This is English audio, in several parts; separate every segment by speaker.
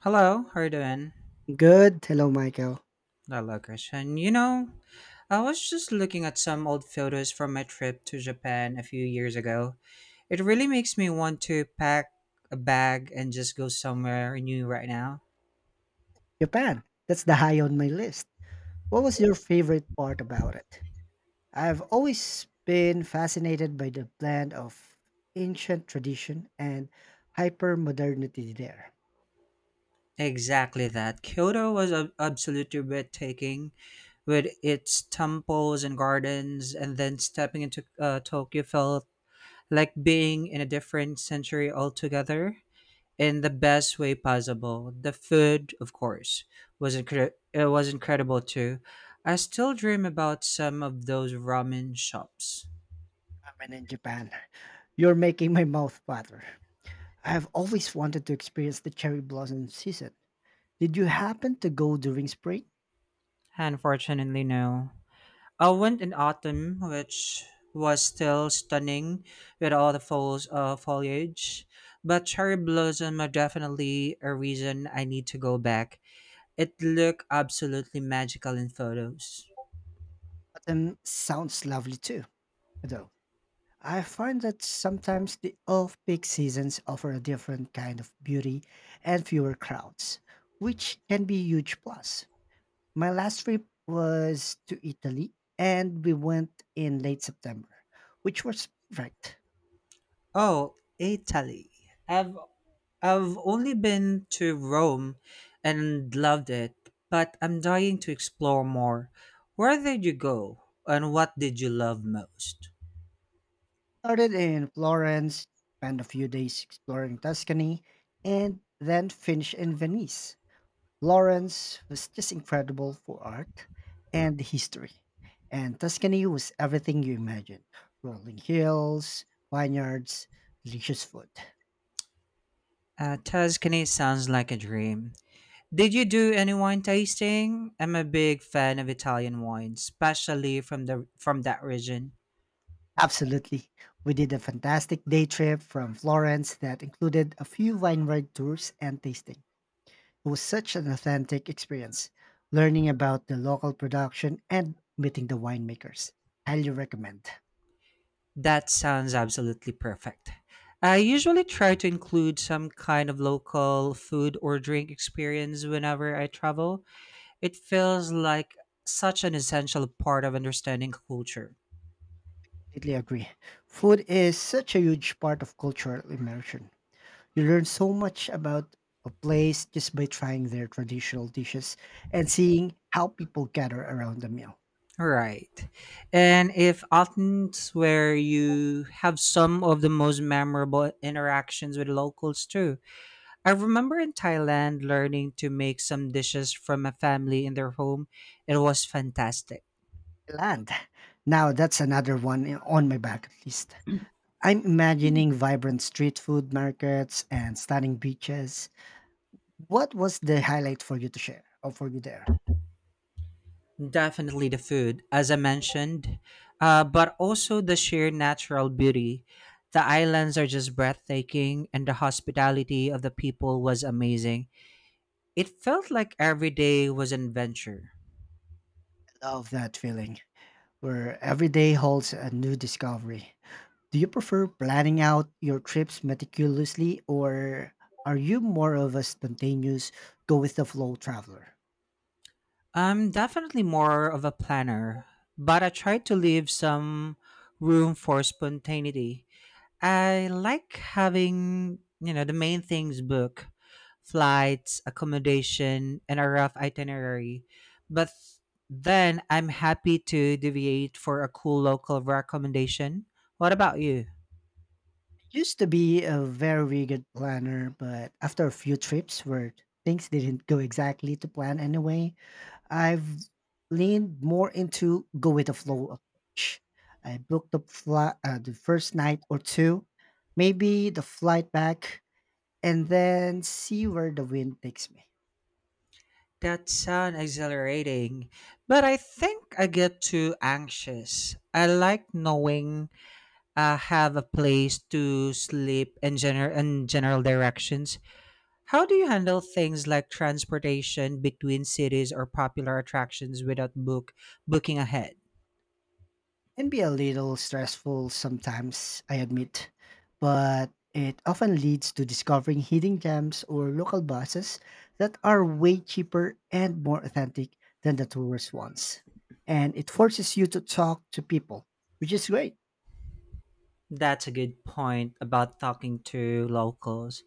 Speaker 1: Hello, how are you doing?
Speaker 2: Good. Hello, Michael.
Speaker 1: Hello, Christian. You know, I was just looking at some old photos from my trip to Japan a few years ago. It really makes me want to pack a bag and just go somewhere new right now.
Speaker 2: Japan. That's the high on my list. What was your favorite part about it? I've always been fascinated by the blend of ancient tradition and hyper modernity there.
Speaker 1: Exactly that. Kyoto was absolutely breathtaking with its temples and gardens, and then stepping into Tokyo felt like being in a different century altogether in the best way possible. The food, of course, was, it was incredible too. I still dream about some of those ramen shops.
Speaker 2: I in Japan, you're making my mouth water. I've always wanted to experience the cherry blossom season. Did you happen to go during spring?
Speaker 1: Unfortunately, no. I went in autumn, which was still stunning with all the falls, of foliage, but cherry blossom are definitely a reason I need to go back. It looked absolutely magical in photos.
Speaker 2: Autumn sounds lovely too, though. I find that sometimes the off peak seasons offer a different kind of beauty and fewer crowds, which can be a huge plus. My last trip was to Italy and we went in late September, which was perfect.
Speaker 1: Oh, Italy. I've I've only been to Rome and loved it, but I'm dying to explore more. Where did you go and what did you love most?
Speaker 2: Started in Florence, spent a few days exploring Tuscany, and then finished in Venice. Florence was just incredible for art and history. And Tuscany was everything you imagined rolling hills, vineyards, delicious food.
Speaker 1: Tuscany sounds like a dream. Did you do any wine tasting? I'm a big fan of Italian wine, especially from the from that region.
Speaker 2: Absolutely. We did a fantastic day trip from Florence that included a few vineyard tours and tasting. It was such an authentic experience, learning about the local production and meeting the winemakers. Highly recommend.
Speaker 1: That sounds absolutely perfect. I usually try to include some kind of local food or drink experience whenever I travel. It feels like such an essential part of understanding culture.
Speaker 2: Completely agree. Food is such a huge part of cultural immersion. You learn so much about a place just by trying their traditional dishes and seeing how people gather around the meal.
Speaker 1: Right. And if Athens where you have some of the most memorable interactions with locals too. I remember in Thailand learning to make some dishes from a family in their home. It was fantastic.
Speaker 2: Land. Now that's another one on my bucket list. I'm imagining vibrant street food markets and stunning beaches. What was the highlight for you to share or for you there?
Speaker 1: Definitely the food, as I mentioned, but also the sheer natural beauty. The islands are just breathtaking, and the hospitality of the people was amazing. It felt like every day was an adventure.
Speaker 2: Love that feeling where every day holds a new discovery. Do you prefer planning out your trips meticulously or are you more of a spontaneous, go with the flow traveler?
Speaker 1: I'm definitely more of a planner, but I try to leave some room for spontaneity. I like having, you know, the main things book, flights, accommodation, and a rough itinerary. But then I'm happy to deviate for a cool local recommendation. What about you?
Speaker 2: Used to be a very good planner, but after a few trips where things didn't go exactly to plan anyway, I've leaned more into go with the flow approach. I booked the flight the first night or two, maybe the flight back, and then see where the wind takes me.
Speaker 1: That sounds exhilarating, but I think I get too anxious. I like knowing I have a place to sleep and general directions. How do you handle things like transportation between cities or popular attractions without booking ahead?
Speaker 2: Can be a little stressful sometimes, I admit, but it often leads to discovering hidden gems or local buses that are way cheaper and more authentic than the tourist ones. And it forces you to talk to people, which is great.
Speaker 1: That's a good point about talking to locals.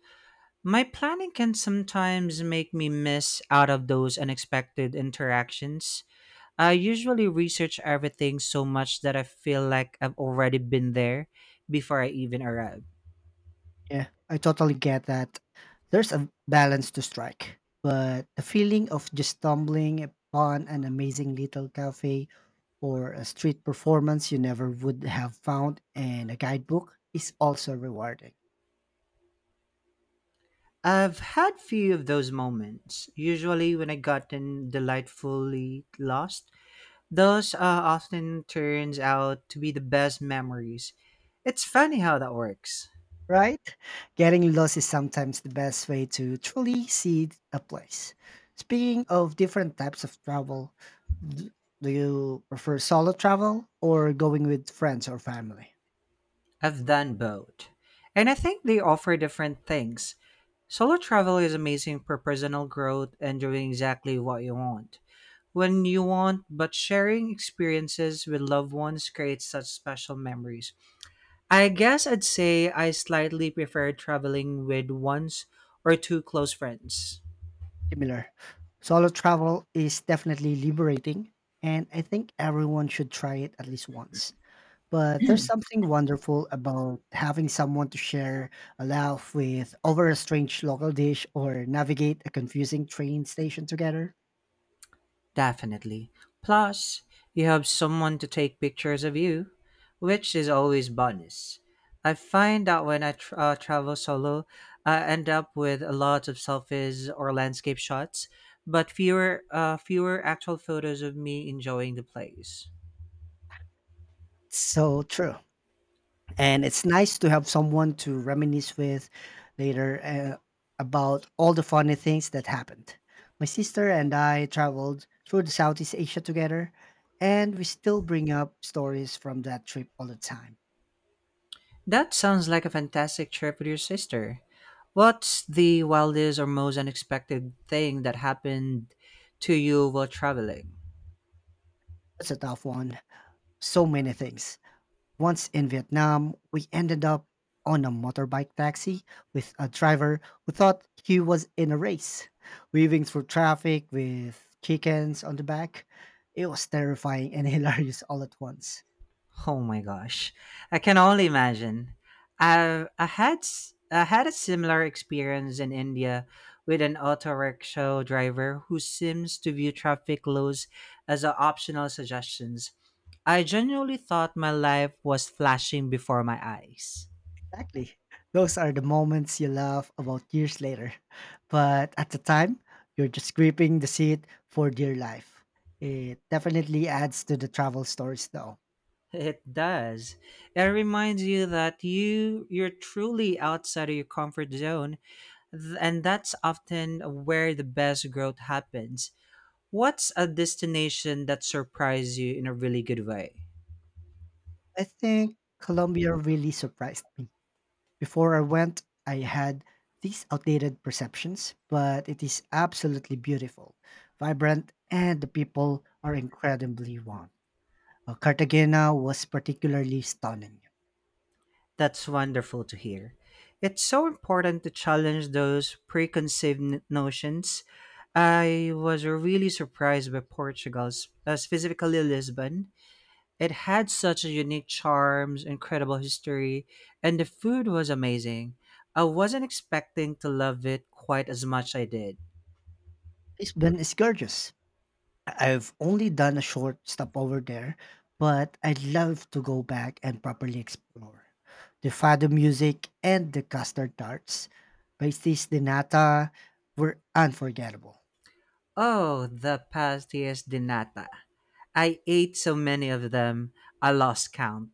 Speaker 1: My planning can sometimes make me miss out of those unexpected interactions. I usually research everything so much that I feel like I've already been there before I even arrive.
Speaker 2: Yeah, I totally get that. There's a balance to strike, but the feeling of just stumbling upon an amazing little cafe or a street performance you never would have found in a guidebook is also rewarding,
Speaker 1: I've had few of those moments, usually when I gotten delightfully lost. Those often turns out to be the best memories. It's funny how that works.
Speaker 2: right? Getting lost is sometimes the best way to truly see a place. Speaking of different types of travel, d- do you prefer solo travel or going with friends or family?
Speaker 1: I've done both. And I think they offer different things. Solo travel is amazing for personal growth and doing exactly what you want. When you want, but sharing experiences with loved ones creates such special memories. I guess I'd say I slightly prefer traveling with ones or two close friends.
Speaker 2: Similar. Solo travel is definitely liberating, and I think everyone should try it at least once. But there's something wonderful about having someone to share a laugh with over a strange local dish or navigate a confusing train station together.
Speaker 1: Definitely. Plus, you have someone to take pictures of you, which is always bonus. I find that when I tr travel solo, I end up with a lot of selfies or landscape shots, but fewer actual photos of me enjoying the place.
Speaker 2: So true. And it's nice to have someone to reminisce with later about all the funny things that happened. My sister and I traveled through the Southeast Asia together, and we still bring up stories from that trip all the time.
Speaker 1: That sounds like a fantastic trip with your sister. What's the wildest or most unexpected thing that happened to you while traveling?
Speaker 2: That's a tough one. So many things. Once in Vietnam, we ended up on a motorbike taxi with a driver who thought he was in a race, weaving through traffic with chickens on the back. It was terrifying and hilarious all at once.
Speaker 1: Oh my gosh. I can only imagine. I had a similar experience in India with an auto rickshaw driver who seems to view traffic laws as a optional suggestions. I genuinely thought my life was flashing before my eyes.
Speaker 2: Exactly. Those are the moments you laugh about years later. But at the time, you're just gripping the seat for dear life. It definitely adds to the travel stories, though.
Speaker 1: It does. It reminds you that you're truly outside of your comfort zone, and that's often where the best growth happens. What's a destination that surprised you in a really good way?
Speaker 2: I think Colombia really surprised me. Before I went, I had these outdated perceptions, but it is absolutely beautiful, vibrant, and the people are incredibly warm. Cartagena was particularly stunning.
Speaker 1: That's wonderful to hear. It's so important to challenge those preconceived notions. I was really surprised by Portugal, specifically Lisbon. It had such a unique charms, incredible history, and the food was amazing. I wasn't expecting to love it quite as much I did.
Speaker 2: Lisbon is gorgeous. I've only done a short stop over there, but I'd love to go back and properly explore. The fado music and the custard tarts, pastis de nata, were unforgettable.
Speaker 1: Oh, the pastillas de nata. I ate so many of them, I lost count.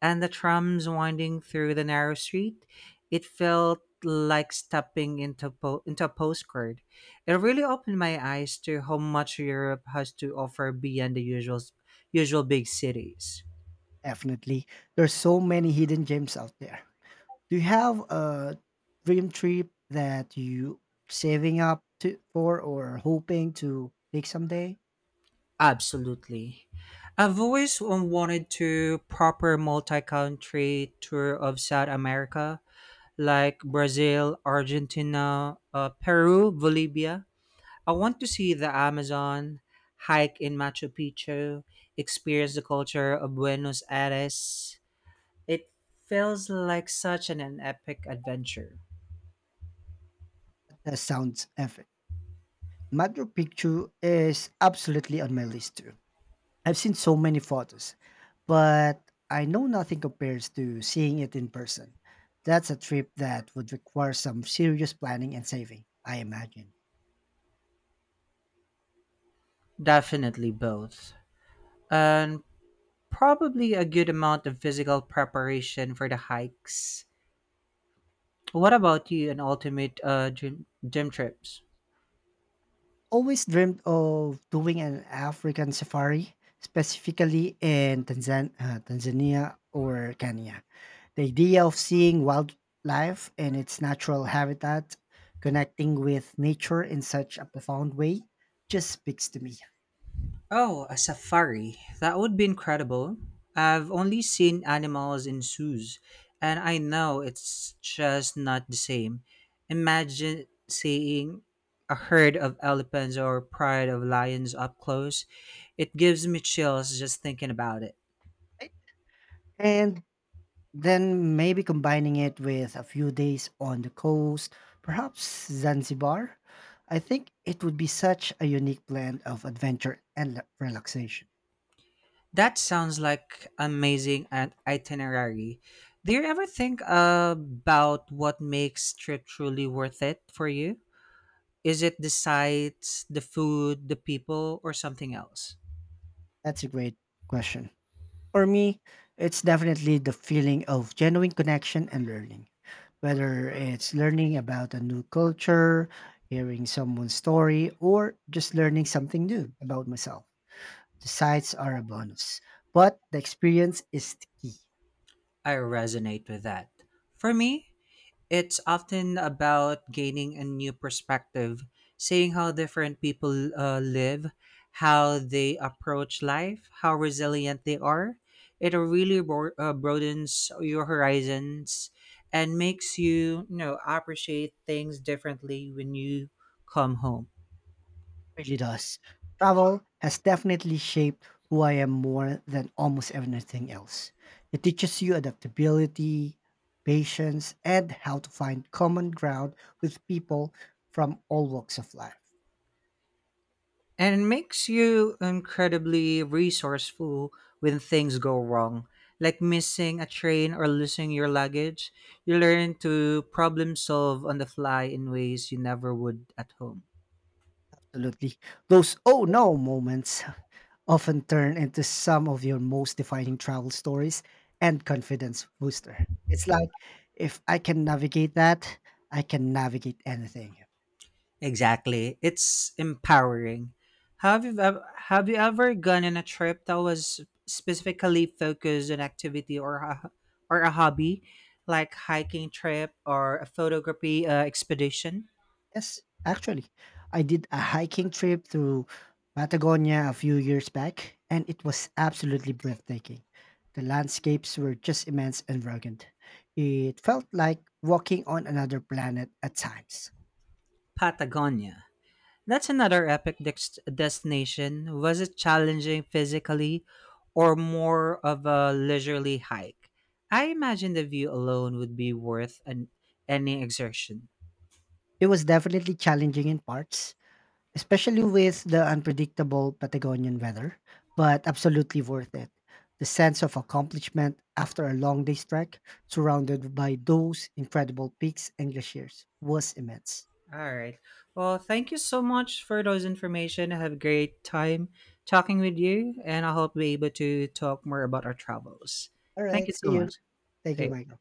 Speaker 1: And the trams winding through the narrow street, it felt like stepping into a postcard. It really opened my eyes to how much Europe has to offer beyond the usual big cities.
Speaker 2: Definitely, there's so many hidden gems out there. Do you have a dream trip that you saving up to for or hoping to take someday?
Speaker 1: Absolutely. I've always wanted to proper multi-country tour of South America, like Brazil, Argentina, Peru, Bolivia. I want to see the Amazon, hike in Machu Picchu, experience the culture of Buenos Aires. It feels like an epic adventure.
Speaker 2: That sounds epic. Machu Picchu is absolutely on my list too. I've seen so many photos, but I know nothing compares to seeing it in person. That's a trip that would require some serious planning and saving, I imagine.
Speaker 1: Definitely both. And probably a good amount of physical preparation for the hikes. What about you and ultimate gym trips?
Speaker 2: Always dreamed of doing an African safari, specifically in Tanzania or Kenya. The idea of seeing wildlife in its natural habitat, connecting with nature in such a profound way, just speaks to me.
Speaker 1: Oh, a safari. That would be incredible. I've only seen animals in zoos, and I know it's just not the same. Imagine seeing a herd of elephants or pride of lions up close. It gives me chills just thinking about it.
Speaker 2: And then maybe combining it with a few days on the coast, perhaps Zanzibar. I think it would be such a unique blend of adventure and relaxation.
Speaker 1: That sounds like amazing an itinerary. Do you ever think about what makes trip truly worth it for you? Is it the sights, the food, the people, or something else?
Speaker 2: That's a great question. For me, it's definitely the feeling of genuine connection and learning. Whether it's learning about a new culture, hearing someone's story, or just learning something new about myself. The sights are a bonus, but the experience is the key.
Speaker 1: I resonate with that. For me, it's often about gaining a new perspective, seeing how different people live, how they approach life, how resilient they are. It really broadens your horizons and makes you, you know, appreciate things differently when you come home.
Speaker 2: Really does. Travel has definitely shaped who I am more than almost anything else. It teaches you adaptability, patience, and how to find common ground with people from all walks of life.
Speaker 1: And it makes you incredibly resourceful when things go wrong, like missing a train or losing your luggage. You learn to problem solve on the fly in ways you never would at home.
Speaker 2: Absolutely. Those oh no moments often turn into some of your most defining travel stories and confidence booster. It's like if I can navigate that, I can navigate anything.
Speaker 1: Exactly. It's empowering. Have you ev- have you ever gone on a trip that was specifically focused on activity or a hobby, like hiking trip or a photography expedition?
Speaker 2: Yes, actually, I did a hiking trip through Patagonia a few years back, and it was absolutely breathtaking. The landscapes were just immense and rugged. It felt like walking on another planet at times.
Speaker 1: Patagonia. That's another destination. Was it challenging physically or more of a leisurely hike? I imagine the view alone would be worth any exertion.
Speaker 2: It was definitely challenging in parts, especially with the unpredictable Patagonian weather, but absolutely worth it. The sense of accomplishment after a long day's trek, surrounded by those incredible peaks and glaciers, was immense.
Speaker 1: All right. Well, thank you so much for those information. I have a great time talking with you, and I hope we're able to talk more about our travels.
Speaker 2: All
Speaker 1: Thank
Speaker 2: right,
Speaker 1: you so
Speaker 2: see you.
Speaker 1: much.
Speaker 2: Thank you,
Speaker 1: Say,
Speaker 2: Michael.